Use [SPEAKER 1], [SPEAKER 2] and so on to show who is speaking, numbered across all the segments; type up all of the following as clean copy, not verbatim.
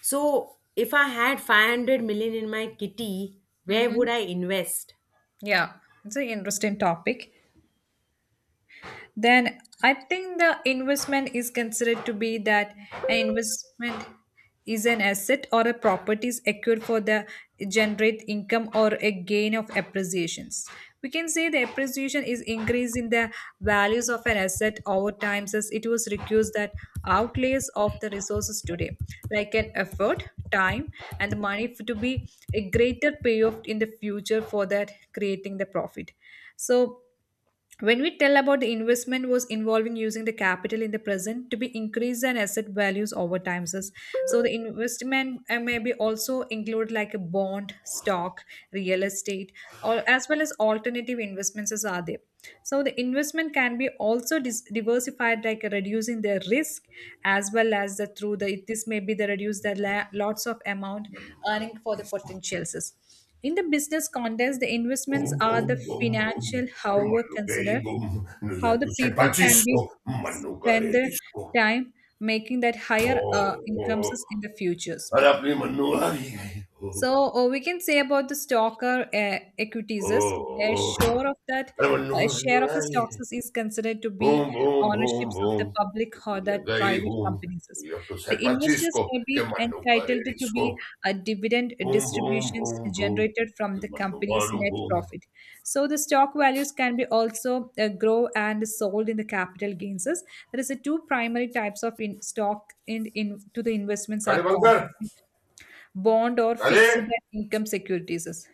[SPEAKER 1] So, if I had 500 million in my kitty, where
[SPEAKER 2] Mm-hmm.
[SPEAKER 1] would I invest?
[SPEAKER 2] Yeah, it's an interesting topic then I think the investment is considered to be that an investment is an asset or a property is acquired for the generate income or a gain of appreciations. We can say the appreciation is increase in the values of an asset over time as it was reduced that outlays of the resources today, like an effort, time, and money to be a greater payoff in the future for that creating the profit. So when we tell about the investment was involving using the capital in the present to be increased and asset values over time. Sis. So the investment may be also include like a bond, stock, real estate, or as well as alternative investments as are there. So the investment can be also diversified like reducing the risk as well as the through the this may be the reduce the lots of amount earning for the
[SPEAKER 1] Boom,
[SPEAKER 2] potentials. In the business context, the investments
[SPEAKER 1] boom,
[SPEAKER 2] are the
[SPEAKER 1] boom, boom.
[SPEAKER 2] financial, however,
[SPEAKER 1] Manugay,
[SPEAKER 2] consider
[SPEAKER 1] boom. Nuya
[SPEAKER 2] how
[SPEAKER 1] to
[SPEAKER 2] the
[SPEAKER 1] San
[SPEAKER 2] people can be
[SPEAKER 1] Francisco.
[SPEAKER 2] spend
[SPEAKER 1] Manugare
[SPEAKER 2] their
[SPEAKER 1] disco.
[SPEAKER 2] time making that higher
[SPEAKER 1] Oh,
[SPEAKER 2] incomes
[SPEAKER 1] oh.
[SPEAKER 2] in the futures.
[SPEAKER 1] और अपनी मन्नू आ गई है। ओ,
[SPEAKER 2] So we can say about the stocker equities
[SPEAKER 1] O,
[SPEAKER 2] is a
[SPEAKER 1] O.
[SPEAKER 2] share of that
[SPEAKER 1] अरे Mannu
[SPEAKER 2] a
[SPEAKER 1] Mannu
[SPEAKER 2] share of
[SPEAKER 1] आ
[SPEAKER 2] the
[SPEAKER 1] गई
[SPEAKER 2] stocks
[SPEAKER 1] है।
[SPEAKER 2] is considered to
[SPEAKER 1] boom
[SPEAKER 2] be
[SPEAKER 1] boom boom
[SPEAKER 2] ownerships of
[SPEAKER 1] boom
[SPEAKER 2] the public or
[SPEAKER 1] दुनिया
[SPEAKER 2] that
[SPEAKER 1] गई
[SPEAKER 2] private
[SPEAKER 1] घूम
[SPEAKER 2] companies is.
[SPEAKER 1] New York to
[SPEAKER 2] The
[SPEAKER 1] San
[SPEAKER 2] investors
[SPEAKER 1] Francisco
[SPEAKER 2] may
[SPEAKER 1] के
[SPEAKER 2] be
[SPEAKER 1] Mannu
[SPEAKER 2] entitled
[SPEAKER 1] करे
[SPEAKER 2] to
[SPEAKER 1] disco
[SPEAKER 2] be a dividend
[SPEAKER 1] Boom, boom,
[SPEAKER 2] distributions
[SPEAKER 1] boom, boom.
[SPEAKER 2] generated from the
[SPEAKER 1] Kimbandu
[SPEAKER 2] company's
[SPEAKER 1] maru
[SPEAKER 2] net
[SPEAKER 1] boom.
[SPEAKER 2] profit. So the stock values can be also grow and sold in the capital gains. Is. There is a two primary types of in stock in to the investments are
[SPEAKER 1] Kali
[SPEAKER 2] common
[SPEAKER 1] Bankar.
[SPEAKER 2] bond or
[SPEAKER 1] Kali.
[SPEAKER 2] fixed income securities.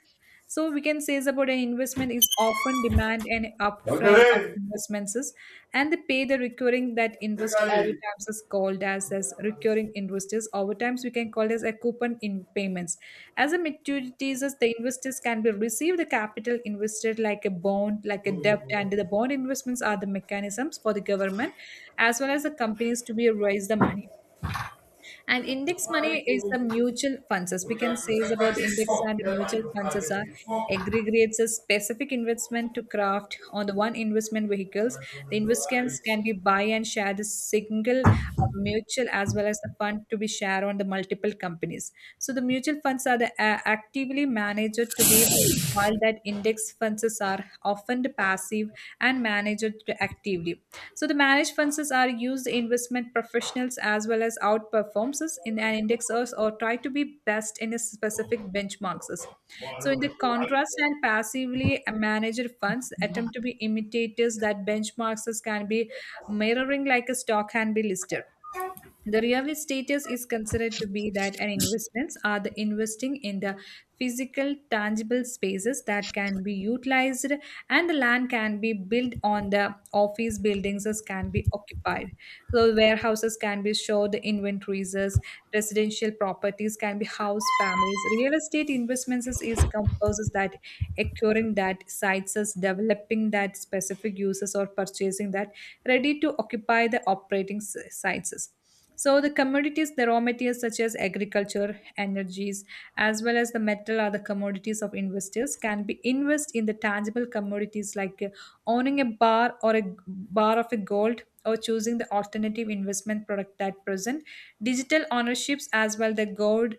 [SPEAKER 2] So we can say is about an investment is often demand and
[SPEAKER 1] Bankar
[SPEAKER 2] upfront of
[SPEAKER 1] hai.
[SPEAKER 2] investments is, and they pay the recurring that
[SPEAKER 1] Hey,
[SPEAKER 2] interest over
[SPEAKER 1] Kali.
[SPEAKER 2] times is called as recurring interest is over times we can call as a coupon in payments. As a maturities is the investors can be receive the capital invested like a bond, like a debt, and the bond investments are the mechanisms for the government as well as the companies to be raise the money. And index money
[SPEAKER 1] Kimbandu
[SPEAKER 2] is the
[SPEAKER 1] boom.
[SPEAKER 2] mutual funds. As we
[SPEAKER 1] Durga
[SPEAKER 2] can say
[SPEAKER 1] Krishna
[SPEAKER 2] is about index
[SPEAKER 1] Pachisco.
[SPEAKER 2] and mutual
[SPEAKER 1] Kimbandu
[SPEAKER 2] funds
[SPEAKER 1] Kali
[SPEAKER 2] as are
[SPEAKER 1] Pachisco.
[SPEAKER 2] aggregates a specific investment to craft on the one investment vehicles. The
[SPEAKER 1] Kimbandu Ali.
[SPEAKER 2] investments can be buy and share the single mutual as well as the fund to be shared on the multiple companies. So the mutual funds are the actively managed to be while that index funds are often the passive and managed to actively so the managed funds are used investment professionals as well as outperformers in an indexers or try to be best in a specific benchmarks. So
[SPEAKER 1] Maru
[SPEAKER 2] in the
[SPEAKER 1] Bandu Ali.
[SPEAKER 2] contrast and passively managed funds attempt to be imitators that benchmarks can be mirroring like a stock can be listed. The real status is considered to be that an investments are the investing in the physical, tangible spaces that can be utilized, and the land can be built on the office buildings as can be occupied. So warehouses can be stored, the inventories, as residential properties can be housed families. Real estate investments is composes that acquiring that sites as developing that specific uses or purchasing that ready to occupy the operating sites, so the commodities, the raw materials such as agriculture, energies, as well as the metal are the commodities of investors can be invest in the tangible commodities like owning a bar or a bar of a gold or choosing the alternative investment product that present digital ownerships as well the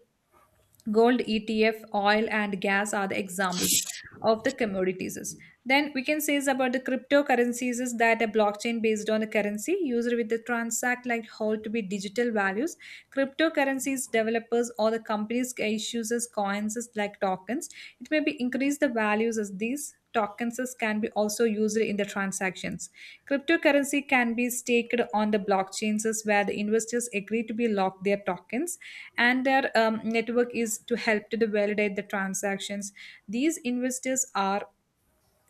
[SPEAKER 2] gold etf oil and gas are the examples of the commodities, then we can say is about the cryptocurrencies is that a blockchain based on a currency user with the transact like hold to be digital values. Cryptocurrencies developers or the companies issues as coins as like tokens, it may be increase the values as these tokens can be also used in the transactions. Cryptocurrency can be staked on the blockchains where the investors agree to be locked their tokens and their network is to help to the validate the transactions. These investors are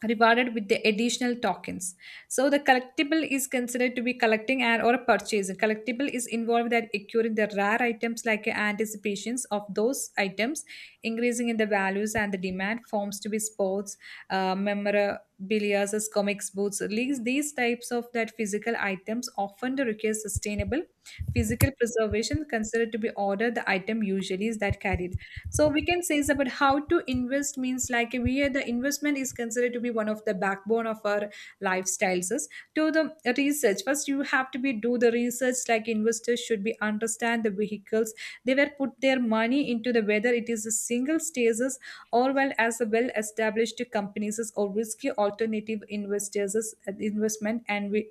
[SPEAKER 2] rewarded with the additional tokens, so the collectible is considered to be collecting and or purchasing collectible is involved that acquiring the rare items like anticipations of those items increasing in the values and the demand forms to be sports memorabilia as comics books leagues, these types of that physical items often require sustainable physical preservation considered to be order the item usually is that carried. So we can say is about how to invest means like we are the investment is considered to be one of the backbone of our lifestyles is to the research first, you have to be do the research like investors should be understand the vehicles they were put their money into, the whether it is a single stages or well as a well established companies is or risky alternative investors is, investment and we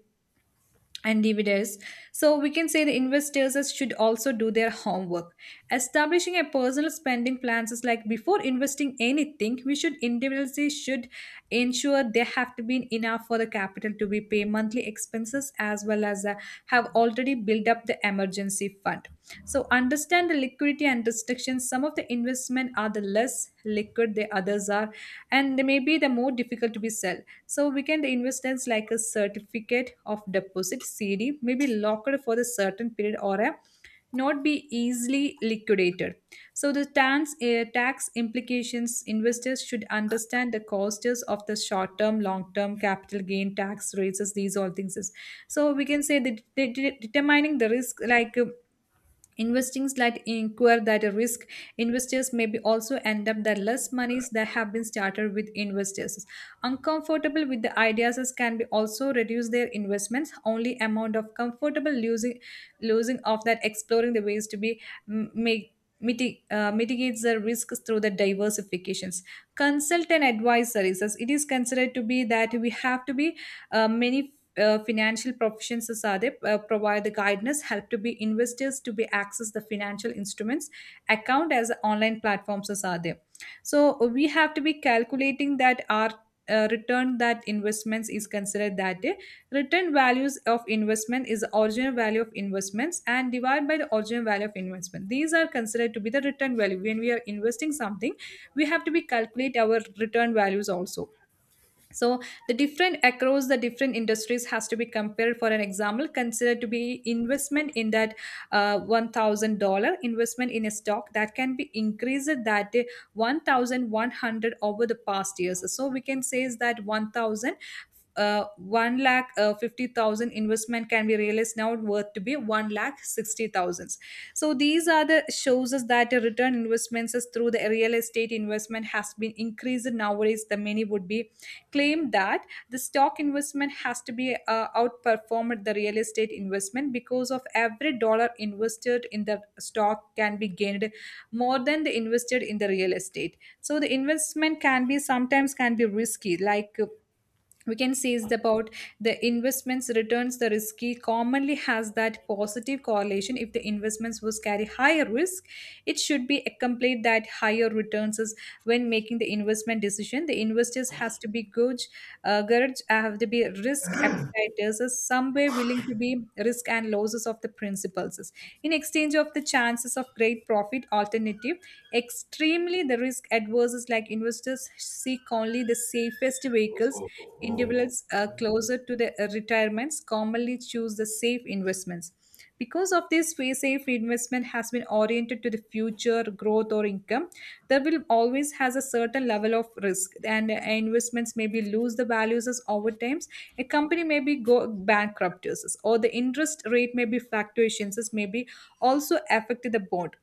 [SPEAKER 2] and DVDs. So we can say the investors should also do their homework. Establishing a personal spending plans is like before investing anything, we should individually should ensure there have to be enough for the capital to be pay monthly expenses as well as have already built up the emergency fund. So understand the liquidity and restrictions. Some of the investment are the less liquid the others are, and they may be the more difficult to be sell. So we can invest as like a certificate of deposit CD, maybe locked for the certain period or a not be easily liquidated. So the tax implications investors should understand the costs of the short term, long term capital gain tax rates. These all things is, so we can say that they determining the risk like. Investings that incur that risk investors may be also end up that less monies that have been started with investors uncomfortable with the ideas as can be also reduce their investments only amount of comfortable losing losing of that exploring the ways to be make mitigates the risks through the diversifications, consult and advice services, it is considered to be that we have to be many financial professions as are they, provide the guidance help to be investors to be access the financial instruments account as online platforms as are they. So we have to be calculating that our return that investments is considered that day return values of investment is the original value of investments and divide by the original value of investment, these are considered to be the return value. When we are investing something, we have to be calculate our return values also, so the different across the different industries has to be compared for an example consider to be investment in that $1,000 investment in a stock that can be increased that 1,100 over the past years. So we can say is that 1,000, one lakh, 50,000 investment can be realized now worth to be one lakh 60 thousands. So these are the shows us that the return investments is through the real estate investment has been increased nowadays. The many would be claimed that the stock investment has to be outperformed the real estate investment because of every dollar invested in the stock can be gained more than the invested in the real estate. So the investment can be sometimes can be risky like. We can say is about the investments returns the risky commonly has that positive correlation, if the investments was carry higher risk it should be accompanied that higher returns is. When making the investment decision the investors has to be good, courage have to be risk appetiters is somewhere willing to be risk and losses of the principles is, in exchange of the chances of great profit alternative, extremely the risk adverse is like investors seek only the safest
[SPEAKER 1] Oh,
[SPEAKER 2] vehicles,
[SPEAKER 1] oh, oh.
[SPEAKER 2] individuals closer to their retirements commonly choose the safe investments. Because of this, safe investment has been oriented to the future growth or income. There will always has a certain level of risk, and investments maybe lose the values as over times. A company may be go bankrupt, or the interest rate may be fluctuations, as maybe also affect the bond.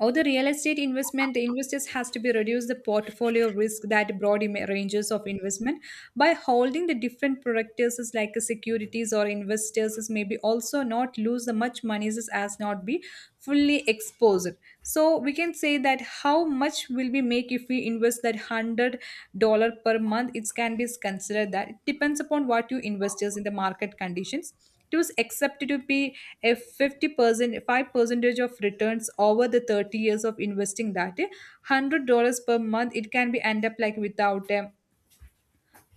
[SPEAKER 2] Or the real estate investment, the investors has to be reduce the portfolio risk that broad ranges of investment by holding the different products is like a securities or investors is maybe also not lose the much monies is as not be fully exposed. So we can say that how much will we make if we invest that $100 per month? It can be considered that it depends upon what you investors in the market conditions. It was accepted to be a 50% 5 percentage of returns over the 30 years of investing that $100 per month. It can be end up like without a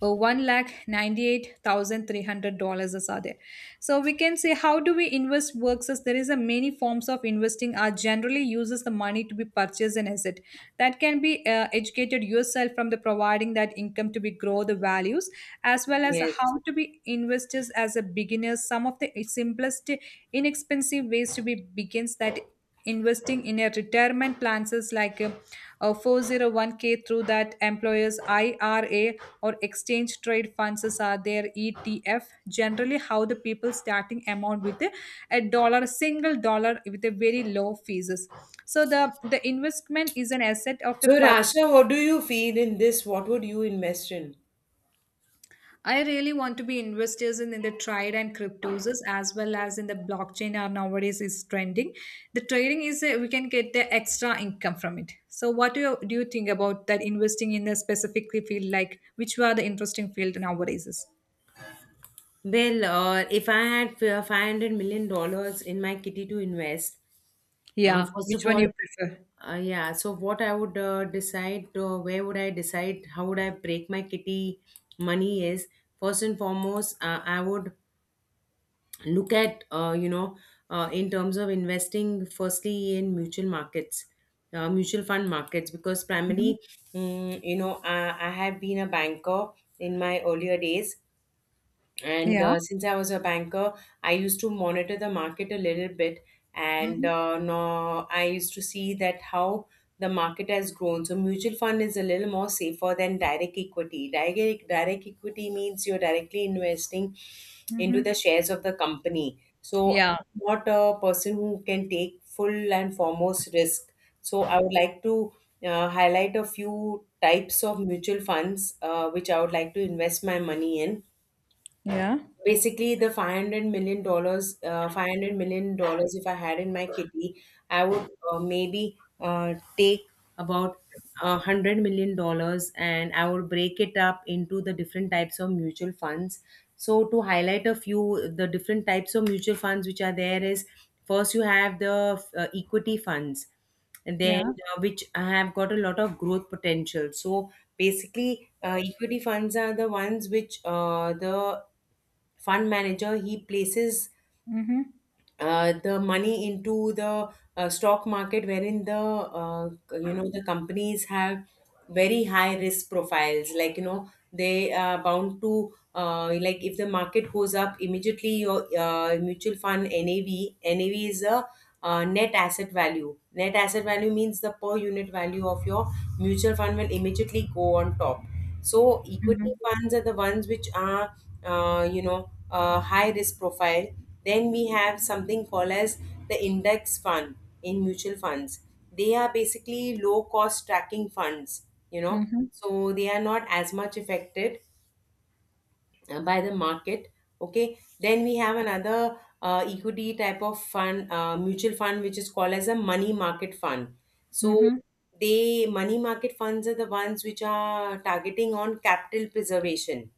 [SPEAKER 2] $1,98,300 is are there. So we can say how do we invest works, as there is a many forms of investing are generally uses the money to be purchased an asset that can be educated yourself from the providing that income to be grow the values, as well as how
[SPEAKER 1] Yes.
[SPEAKER 2] to be investors as a beginner. Some of the simplest inexpensive ways to be begins that investing in a retirement plans is like a 401k through that employer's IRA, or exchange trade funds are there, ETF. Generally how the people starting amount with a dollar, single dollar, with a very low fees. So the investment is an asset of a
[SPEAKER 1] So,
[SPEAKER 2] per.
[SPEAKER 1] Rasha, what do you feel in this? What would you invest in?
[SPEAKER 2] I really want to be investors in the trade and cryptos, as well as in the blockchain are nowadays is trending. The trading is, we can get the extra income from it. So what do you think about that investing in a specifically field, like which are the interesting field nowadays? Is?
[SPEAKER 1] Well, if I had $500 million dollars in my kitty to invest.
[SPEAKER 2] Yeah,
[SPEAKER 1] First
[SPEAKER 2] which
[SPEAKER 1] of
[SPEAKER 2] one
[SPEAKER 1] all,
[SPEAKER 2] you prefer?
[SPEAKER 1] yeah, so what I would decide, where would I decide, how would I break my kitty money is, first and foremost, I would look at, in terms of investing, firstly in mutual markets, mutual fund markets, because primarily, I have been a banker in my earlier days, and
[SPEAKER 2] Yeah.
[SPEAKER 1] since I was a banker, I used to monitor the market a little bit, and
[SPEAKER 2] Mhm.
[SPEAKER 1] no, I used to see that how the market has grown. So mutual fund is a little more safer than direct equity. Direct direct equity means you're directly investing into the
[SPEAKER 2] Mhm.
[SPEAKER 1] shares of the company. So,
[SPEAKER 2] Yeah.
[SPEAKER 1] not a person who can take full and foremost risk. So I would like to highlight a few types of mutual funds which I would like to invest my money in.
[SPEAKER 2] Yeah.
[SPEAKER 1] Basically, the 500 million dollars, 500 million dollars, if I had in my kitty, I would maybe take about a 100 million dollars and I would break it up into the different types of mutual funds. So, to highlight a few, the different types of mutual funds which are there is, first you have the equity funds, and then
[SPEAKER 2] Yeah.
[SPEAKER 1] which have got a lot of growth potential. So basically, equity funds are the ones which, the fund manager, he places
[SPEAKER 2] Mhm.
[SPEAKER 1] the money into the stock market, wherein the, uh, you know, the companies have very high risk profiles. Like, you know, they are bound to, like, if the market goes up, immediately your mutual fund NAV, NAV is a, net asset value. Net asset value means the per unit value of your mutual fund will immediately go on top. So equity
[SPEAKER 2] Mhm.
[SPEAKER 1] funds are the ones which are, high risk profile. Then we have something called as the index fund in mutual funds. They are basically low cost tracking funds, you know,
[SPEAKER 2] Mhm.
[SPEAKER 1] so they are not as much affected by the market. Okay, then we have another equity type of fund, mutual fund, which is called as a money market fund. So
[SPEAKER 2] Mhm.
[SPEAKER 1] they, money market funds are the ones which are targeting on capital preservation.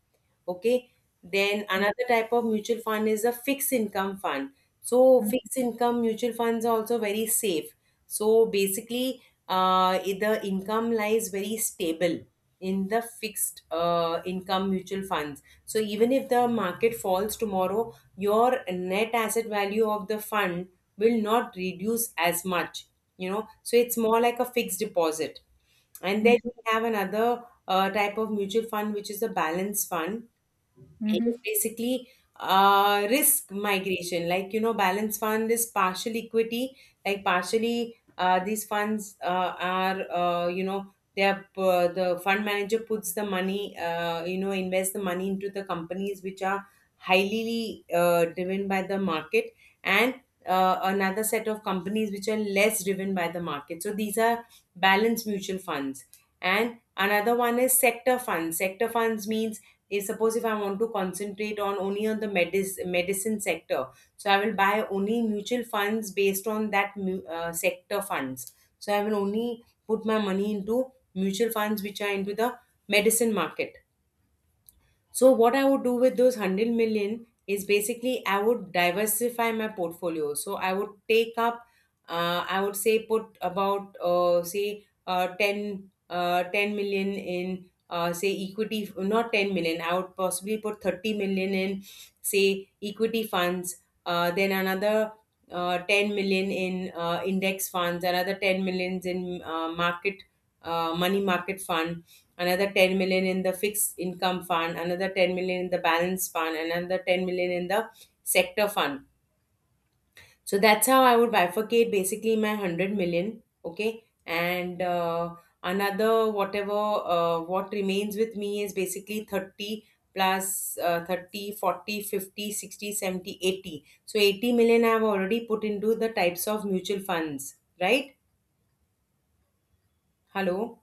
[SPEAKER 1] Okay, then another type of mutual fund is a fixed income fund. So fixed income mutual funds are also very safe. So basically, the income lies very stable in the fixed income mutual funds. So even if the market falls tomorrow, your net asset value of the fund will not reduce as much, you know. So it's more like a fixed deposit. And then we have another type of mutual fund, which is a balance fund. It is
[SPEAKER 2] Mhm.
[SPEAKER 1] basically risk migration. Like, you know, balance fund is partial equity. Like, partially these funds are, they are, the fund manager puts the money, invests the money into the companies which are highly driven by the market, and another set of companies which are less driven by the market. So these are balanced mutual funds. And another one is sector funds. Sector funds means, eh, suppose if I want to concentrate on only on the medicine sector, so I will buy only mutual funds based on that sector funds. So I will only put my money into mutual funds which are into the medicine market. So what I would do with those 100 million is basically I would diversify my portfolio. So I would take up, I would say, put about, say, 10, 10 million in, say, equity, not 10 million, I would possibly put 30 million in, say, equity funds, then another 10 million in index funds, another 10 millions in market, money market fund, another 10 million in the fixed income fund, another 10 million in the balance fund, another 10 million in the sector fund. So that's how I would bifurcate basically my 100 million. Okay, and another whatever, what remains with me is basically 30 plus, 30, 40, 50, 60, 70, 80. So 80 million I have already put into the types of mutual funds, right? Hello.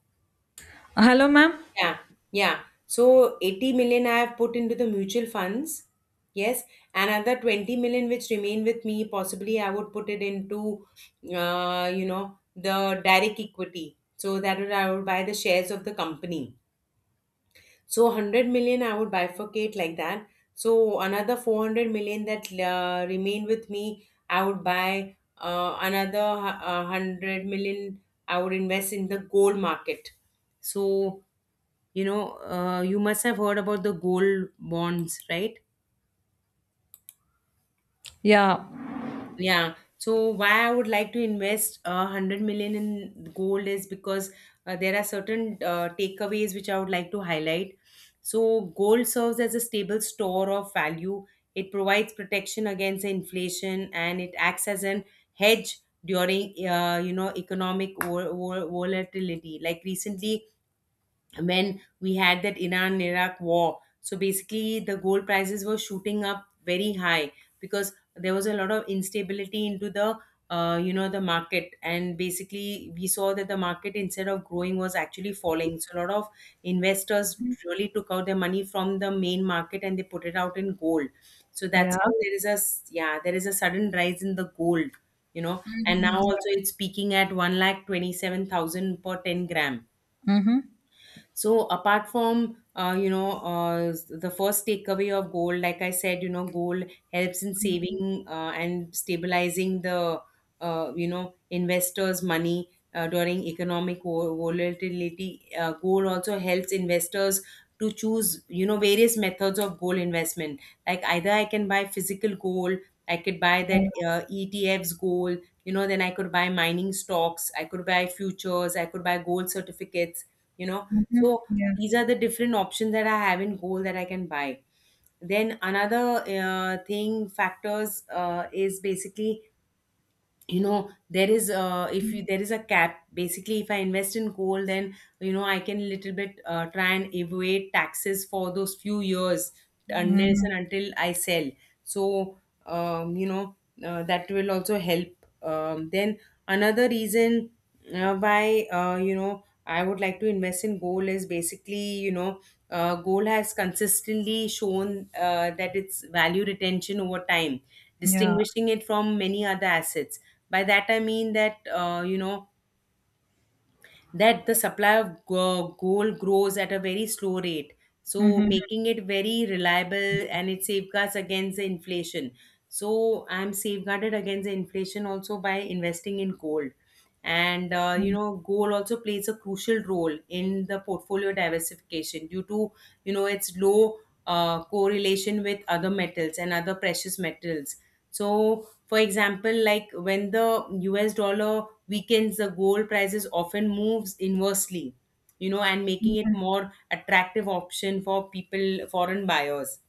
[SPEAKER 2] Hello, ma'am.
[SPEAKER 1] Yeah, yeah. So 80 million I have put into the mutual funds. Yes, another 20 million which remain with me, possibly I would put it into, you know, the direct equity. So that would, I would buy the shares of the company. So 100 million I would bifurcate like that. So another 400 million that remain with me, I would buy another 100 million I would invest in the gold market. So, you know, you must have heard about the gold bonds, right?
[SPEAKER 2] Yeah.
[SPEAKER 1] Yeah. So why I would like to invest 100 million in gold is because there are certain takeaways which I would like to highlight. So gold serves as a stable store of value. It provides protection against inflation and it acts as an hedge during economic volatility. Like recently, when we had that Iran Iraq war. So basically, the gold prices were shooting up very high because there was a lot of instability into the, the market, and basically we saw that the market, instead of growing, was actually falling. So a lot of investors really took out their money from the main market and they put it out in gold. So that's
[SPEAKER 2] Yeah.
[SPEAKER 1] how there is a yeah, there is a sudden rise in the gold, you know, and
[SPEAKER 2] Mhm.
[SPEAKER 1] now also it's peaking at 1,27,000 per 10 grams. So apart from the first takeaway of gold, like I said, you know, gold helps in saving and stabilizing the, investors' money during economic volatility. Gold also helps investors to choose, you know, various methods of gold investment. Like, either I can buy physical gold, I could buy that
[SPEAKER 2] Yeah.
[SPEAKER 1] ETFs gold. You know, then I could buy mining stocks, I could buy futures, I could buy gold certificates. You know,
[SPEAKER 2] Mhm.
[SPEAKER 1] so
[SPEAKER 2] Yeah.
[SPEAKER 1] these are the different options that I have in gold that I can buy. Then another thing factors is basically, you know, there is, if you there is a cap, basically, if I invest in gold then, you know, I can little bit try and evade taxes for those few years, unless
[SPEAKER 2] Mhm.
[SPEAKER 1] and until I sell. So, um you know that will also help. Then another reason why, I would like to invest in gold is basically, you know, gold has consistently shown that its value retention over time,
[SPEAKER 2] Yeah. Mhm. Yeah.
[SPEAKER 1] distinguishing it from many other assets. By that I mean that, that the supply of gold grows at a very slow rate, so
[SPEAKER 2] Mhm.
[SPEAKER 1] making it very reliable, and it safeguards against the inflation. So I'm safeguarded against the inflation also by investing in gold. And
[SPEAKER 2] Mhm.
[SPEAKER 1] gold also plays a crucial role in the portfolio diversification due to, you know, its low correlation with other metals and other precious metals. So for example, like when the US dollar weakens, the gold prices often moves inversely, you know, and making it
[SPEAKER 2] Mhm.
[SPEAKER 1] more attractive option for people, foreign buyers.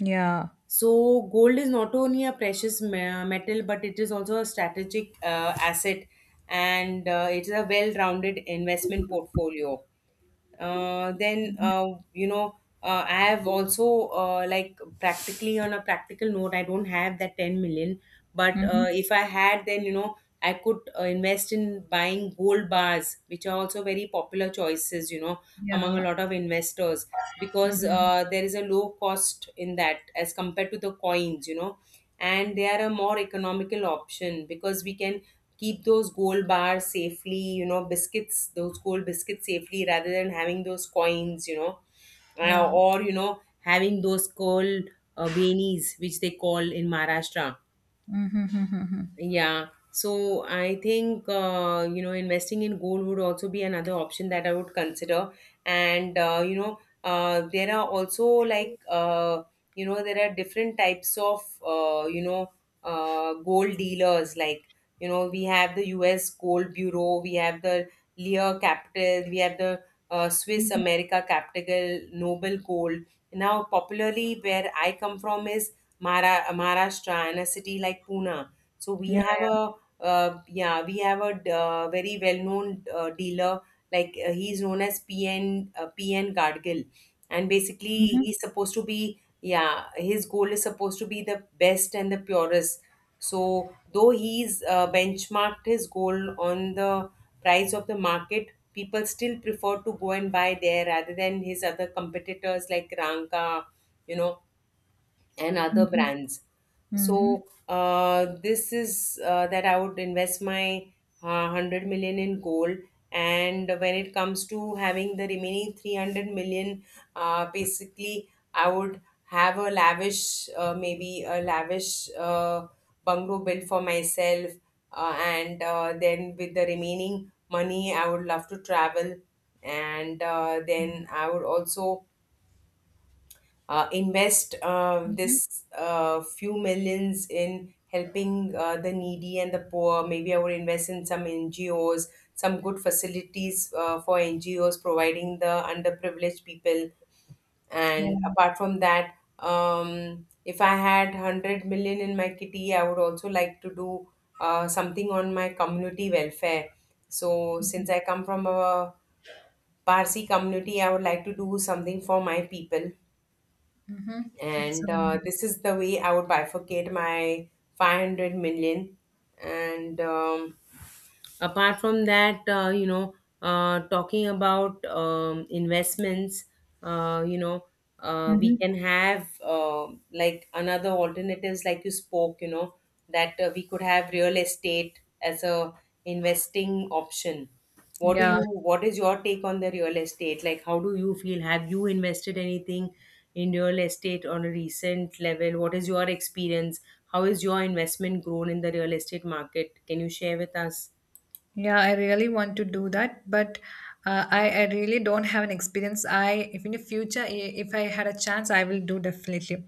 [SPEAKER 2] Yeah.
[SPEAKER 1] So gold is not only a metal, but it is also a strategic asset, and it is a well-rounded investment portfolio. Then you know I have also like practically on a practical note. I don't have that 10 million, but
[SPEAKER 2] Mhm.
[SPEAKER 1] if I had, then I could invest in buying gold bars, which are also very popular choices, among a
[SPEAKER 2] Yeah.
[SPEAKER 1] lot of investors, because there is a low cost in that as compared to the coins, and they are a more economical option, because we can keep those gold bars safely, biscuits, those gold biscuits, safely, rather than having those coins. You know
[SPEAKER 2] Yeah.
[SPEAKER 1] or you know Having those gold beanies, which they call in Maharashtra. Yeah. So I think investing in gold would also be another option that I would consider. And there are also like there are different types of gold dealers. We have the U.S. Gold Bureau, we have the Lear Capital, we have the Swiss America Capital, Noble Gold. Now, popularly, where I come from is Mara Maharashtra, and a city like Pune. So we
[SPEAKER 2] Yeah.
[SPEAKER 1] have
[SPEAKER 2] Yeah.
[SPEAKER 1] a yeah, we have a very well-known dealer. He's known as PN Gargill, and basically
[SPEAKER 2] Mhm.
[SPEAKER 1] he's supposed to be, yeah, his goal is supposed to be the best and the purest. So though he's benchmarked his goal on the price of the market, people still prefer to go and buy there rather than his other competitors like Ranka, you know and other
[SPEAKER 2] Mhm.
[SPEAKER 1] brands.
[SPEAKER 2] Mhm.
[SPEAKER 1] So this is that I would invest my 100 million in gold. And when it comes to having the remaining 300 million, basically I would have a lavish, maybe a lavish bungalow built for myself. And Then, with the remaining money, I would love to travel. And then I would also invest this few millions in helping the needy and the poor. Maybe I would invest in some NGOs, some good facilities for NGOs providing the underprivileged people.
[SPEAKER 2] Yeah.
[SPEAKER 1] And apart from that, if I had 100 million in my kitty, I would also like to do something on my community welfare. So, since I come from a Parsi community, I would like to do something for my people,
[SPEAKER 2] It's
[SPEAKER 1] and
[SPEAKER 2] um.
[SPEAKER 1] this is the way I would bifurcate my 500 million. And apart from that, talking about investments, uh, you know, we
[SPEAKER 2] Mhm.
[SPEAKER 1] can have like another alternatives, like you spoke, that we could have real estate as a investing option. What do
[SPEAKER 2] Yeah.
[SPEAKER 1] you, what is your take on the real estate? Like, how do you feel? Have you invested anything in real estate on a recent level? What is your experience? How is your investment grown in the real estate market? Can you share with us?
[SPEAKER 2] Yeah, I really want to do that, but I really don't have an experience. If in the future, if I had a chance, I will do definitely.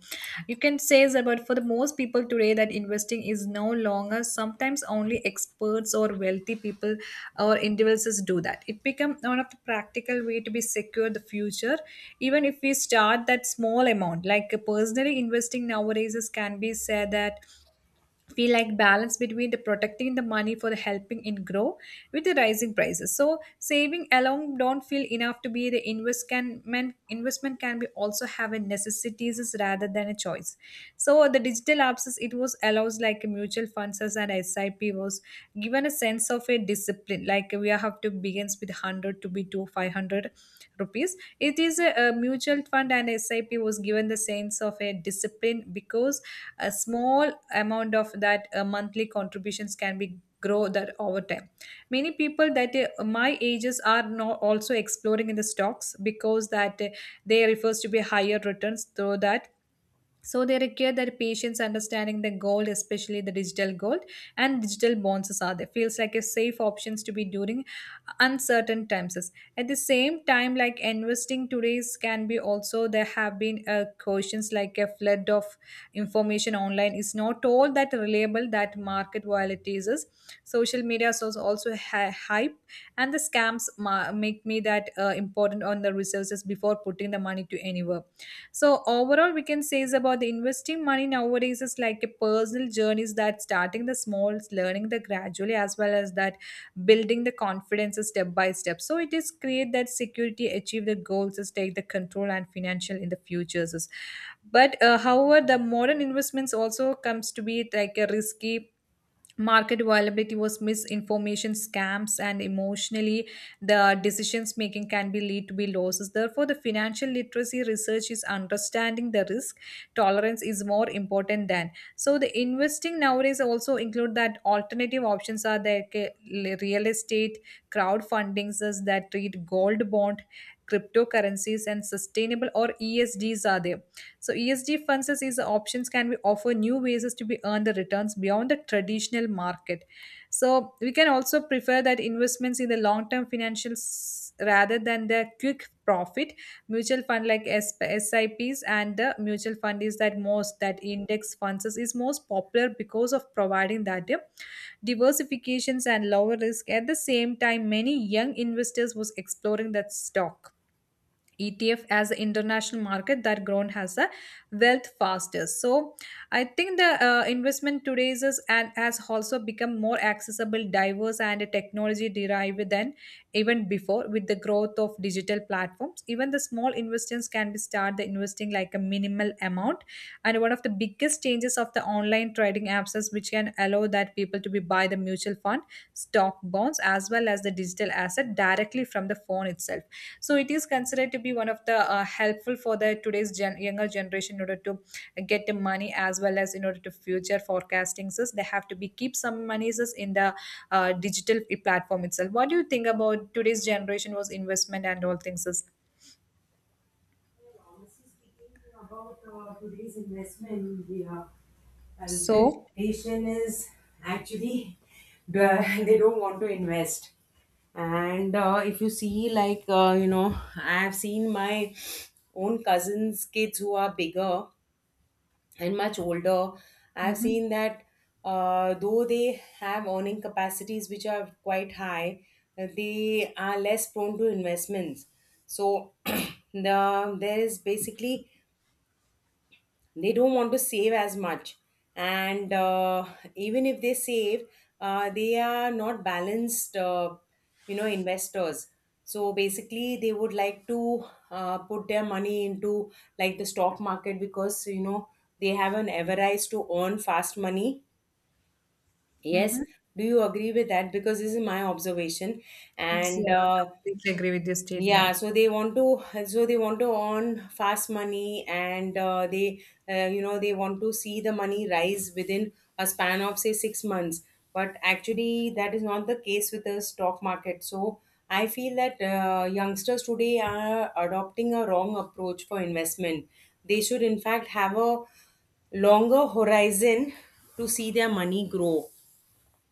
[SPEAKER 2] You can say is about for the most people today that investing is no longer sometimes only experts or wealthy people or individuals do that. It become one of the practical way to be secure the future, even if we start that small amount. Like personally investing nowadays is can be said that feel like balance between the protecting the money for the helping it grow with the rising prices. So saving alone don't feel enough to be the investment. Investment can be also have a necessities rather than a choice. So the digital apps it was allows like mutual funds and SIP was given a sense of a discipline, like we have to begins with 600 to be to 500 rupees. It is a mutual fund, and SIP was given the sense of a discipline, because a small amount of that monthly contributions can be grow that over time. Many people that my ages are not also exploring in the stocks, because that they refers to be higher returns through that. So they require their patients understanding the gold, especially the digital gold and digital bonds are there. Feels like a safe options to be during uncertain times. At the same time, like investing today's can be also there have been questions like a flood of information online is not all that reliable that market volatilities is. Social media source also hype and the scams make me that important on the resources before putting the money to anywhere. So overall, we can say is about the investing money nowadays is like a personal journey, is that starting the small, learning the gradually, as well as that building the confidence step by step. So it is create that security, achieve the goals, is take the control and financial in the futures. But however, the modern investments also comes to be like a risky market availability was misinformation scams and emotionally the decisions making can be lead to be losses. Therefore the financial literacy research is understanding the risk tolerance is more important than. So the investing nowadays also include that alternative options are there, okay, real estate, crowdfundings is that treat gold bond cryptocurrencies and sustainable or ESGs are there. So ESG funds as is options can be offer new ways to be earn the returns beyond the traditional market. So we can also prefer that investments in the long term financials rather than the quick profit mutual fund, like SIPs. And the mutual fund is that most, that index funds is most popular because of providing that diversifications and lower risk. At the same time, many young investors was exploring that stock ETF as an international market that grown has a wealth fastest. So I think the investment today is and has also become more accessible, diverse, and technology derived than even before with the growth of digital platforms. Even the small investors can be start the investing like a minimal amount. And one of the biggest changes of the online trading apps is which can allow that people to be buy the mutual fund, stock bonds, as well as the digital asset directly from the phone itself. So it is considered to be one of the helpful for the today's younger generation in order to get the money, as well as in order to future forecasting. So they have to be keep some monies is in the digital platform itself. What do you think about today's generation was investment and all things is?
[SPEAKER 1] About today's investment, this
[SPEAKER 2] So.
[SPEAKER 1] nation is actually the- they don't want to invest. And if you see, like I have seen my own cousin's kids who are bigger and much older. I've
[SPEAKER 2] Mm-hmm,
[SPEAKER 1] seen that though they have earning capacities which are quite high, they are less prone to investments. So there is basically, they don't want to save as much, and even if they save, they are not balanced, investors. So basically they would like to put their money into like the stock market, because they have an avarice to earn fast money. Yes.
[SPEAKER 2] mm-hmm.
[SPEAKER 1] Do you agree with that? Because this is my observation. And
[SPEAKER 2] Yeah, completely agree with your
[SPEAKER 1] Yeah,
[SPEAKER 2] statement.
[SPEAKER 1] so they want to, so they want to earn fast money, and they you know they want to see the money rise within a span of say 6 months. But actually that is not the case with the stock market. So I feel that youngsters today are adopting a wrong approach for investment. They should, in fact, have a longer horizon to see their money grow.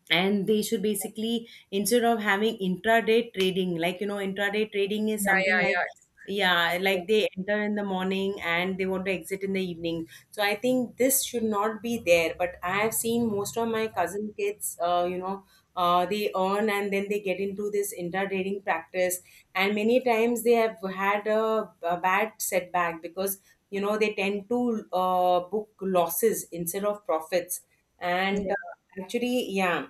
[SPEAKER 1] And they should basically, instead of having intraday trading, like intraday trading is
[SPEAKER 2] Yeah,
[SPEAKER 1] something
[SPEAKER 2] yeah,
[SPEAKER 1] like,
[SPEAKER 2] yeah,
[SPEAKER 1] yeah,
[SPEAKER 2] yeah,
[SPEAKER 1] like they enter in the morning and they want to exit in the evening. So I think this should not be there. But I have seen most of my cousin kids, they earn, and then they get into this intradaying practice, and many times they have had a bad setback, because they tend to book losses instead of profits. and uh,
[SPEAKER 2] yeah.
[SPEAKER 1] actually yeah.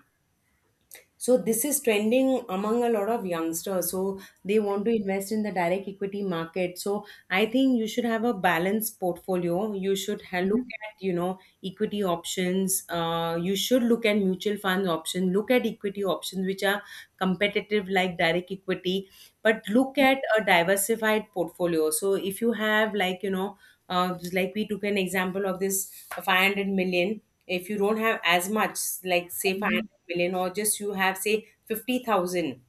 [SPEAKER 1] So this is trending among a lot of youngsters. So they want to invest in the direct equity market. So I think you should have a balanced portfolio. You should look at, equity options. You should look at mutual fund options. Look at equity options which are competitive, like direct equity, but look at a diversified portfolio. So if you have, like like we took an example of this 500 million, if you don't have as much, like say 500 million, or just you have say 50,000,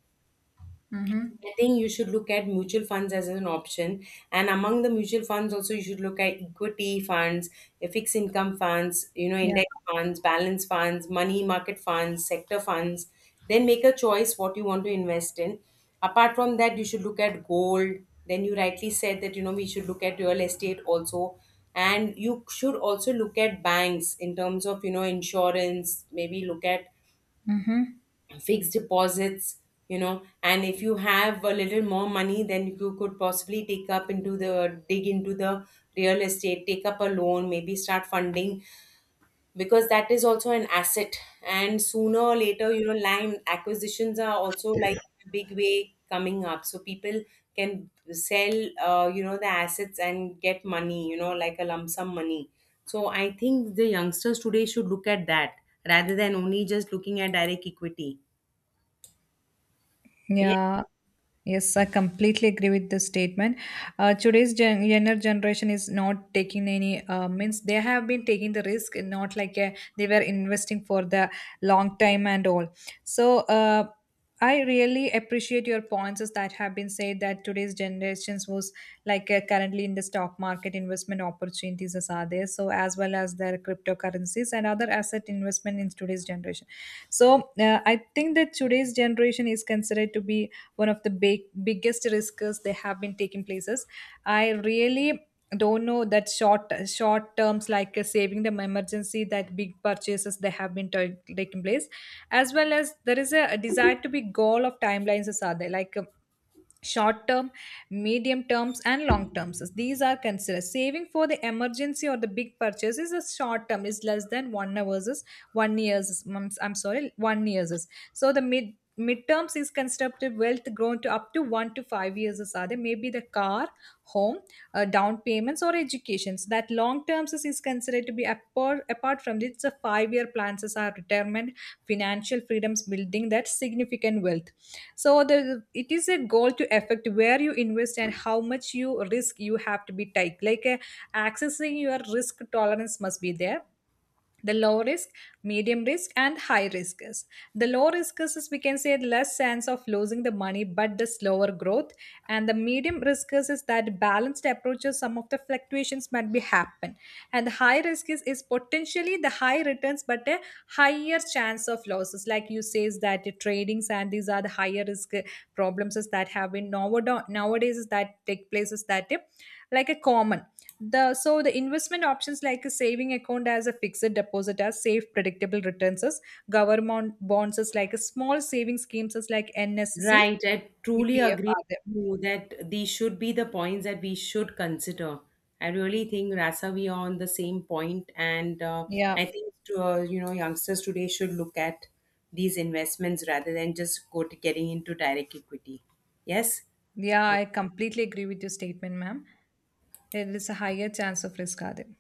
[SPEAKER 2] Mm-hmm.
[SPEAKER 1] I think you should look at mutual funds as an option. And among the mutual funds also, you should look at equity funds, fixed income funds,
[SPEAKER 2] Yeah.
[SPEAKER 1] index funds, balance funds, money market funds, sector funds. Then make a choice what you want to invest in. Apart from that, you should look at gold. Then you rightly said that, we should look at real estate also. And you should also look at banks in terms of, insurance, maybe look at
[SPEAKER 2] Mm-hmm.
[SPEAKER 1] fixed deposits. And if you have a little more money, then you could possibly take up into the real estate, take up a loan, maybe start funding, because that is also an asset. And sooner or later, land acquisitions are also like a big way coming up, so people can sell the assets and get money, like a lump sum money. So I think the youngsters today should look at that rather than only just looking at direct equity. Yeah.
[SPEAKER 2] Yeah. Yes, I completely agree with this statement. Today's younger generation is not taking any means they have been taking the risk, not like they were investing for the long time and all. So I really appreciate your points is that have been said that today's generations was like currently in the stock market investment opportunities as are there. So as well as their cryptocurrencies and other asset investment in today's generation. So I think that today's generation is considered to be one of the biggest risks they have been taking places. I really don't know that short terms, like saving them emergency that big purchases they have been taking place, as well as there is a desire to be goal of timelines as are there, like short term, medium terms and long terms. These are considered saving for the emergency or the big purchase is a short term is less than 1 hours is 1 years I'm sorry, 1 years is. So the midterms is constructive wealth grown to up to 1 to 5 years is are there, maybe the car, home, down payments or educations. That long terms is considered to be apart from this the 5 year plans is our retirement financial freedoms building that significant wealth. So the it is a goal to affect where you invest and how much you risk you have to be tight, like accessing your risk tolerance must be there. The low risk, medium risk and high risk is: the low risk is we can say less chance of losing the money but the slower growth. And the medium risk is that balanced approaches some of the fluctuations might be happen. And the high risk is potentially the high returns but a higher chance of losses, like you says that the tradings. And these are the higher risk problems is that have been nowadays is that take places that like a common the so the investment options like a saving account as a fixed deposit as safe predictable returns as government bonds as like a small saving schemes as like NSC
[SPEAKER 1] Right. I truly
[SPEAKER 2] PPF
[SPEAKER 1] agree
[SPEAKER 2] are there.
[SPEAKER 1] with you that these should be the points that we should consider. I really think, Rasa, we are on the same point, and
[SPEAKER 2] Yeah,
[SPEAKER 1] I think to, youngsters today should look at these investments rather than just go to getting into direct equity. Yes.
[SPEAKER 2] yeah, I completely agree with your statement, ma'am. There is a higher chance of risk are there.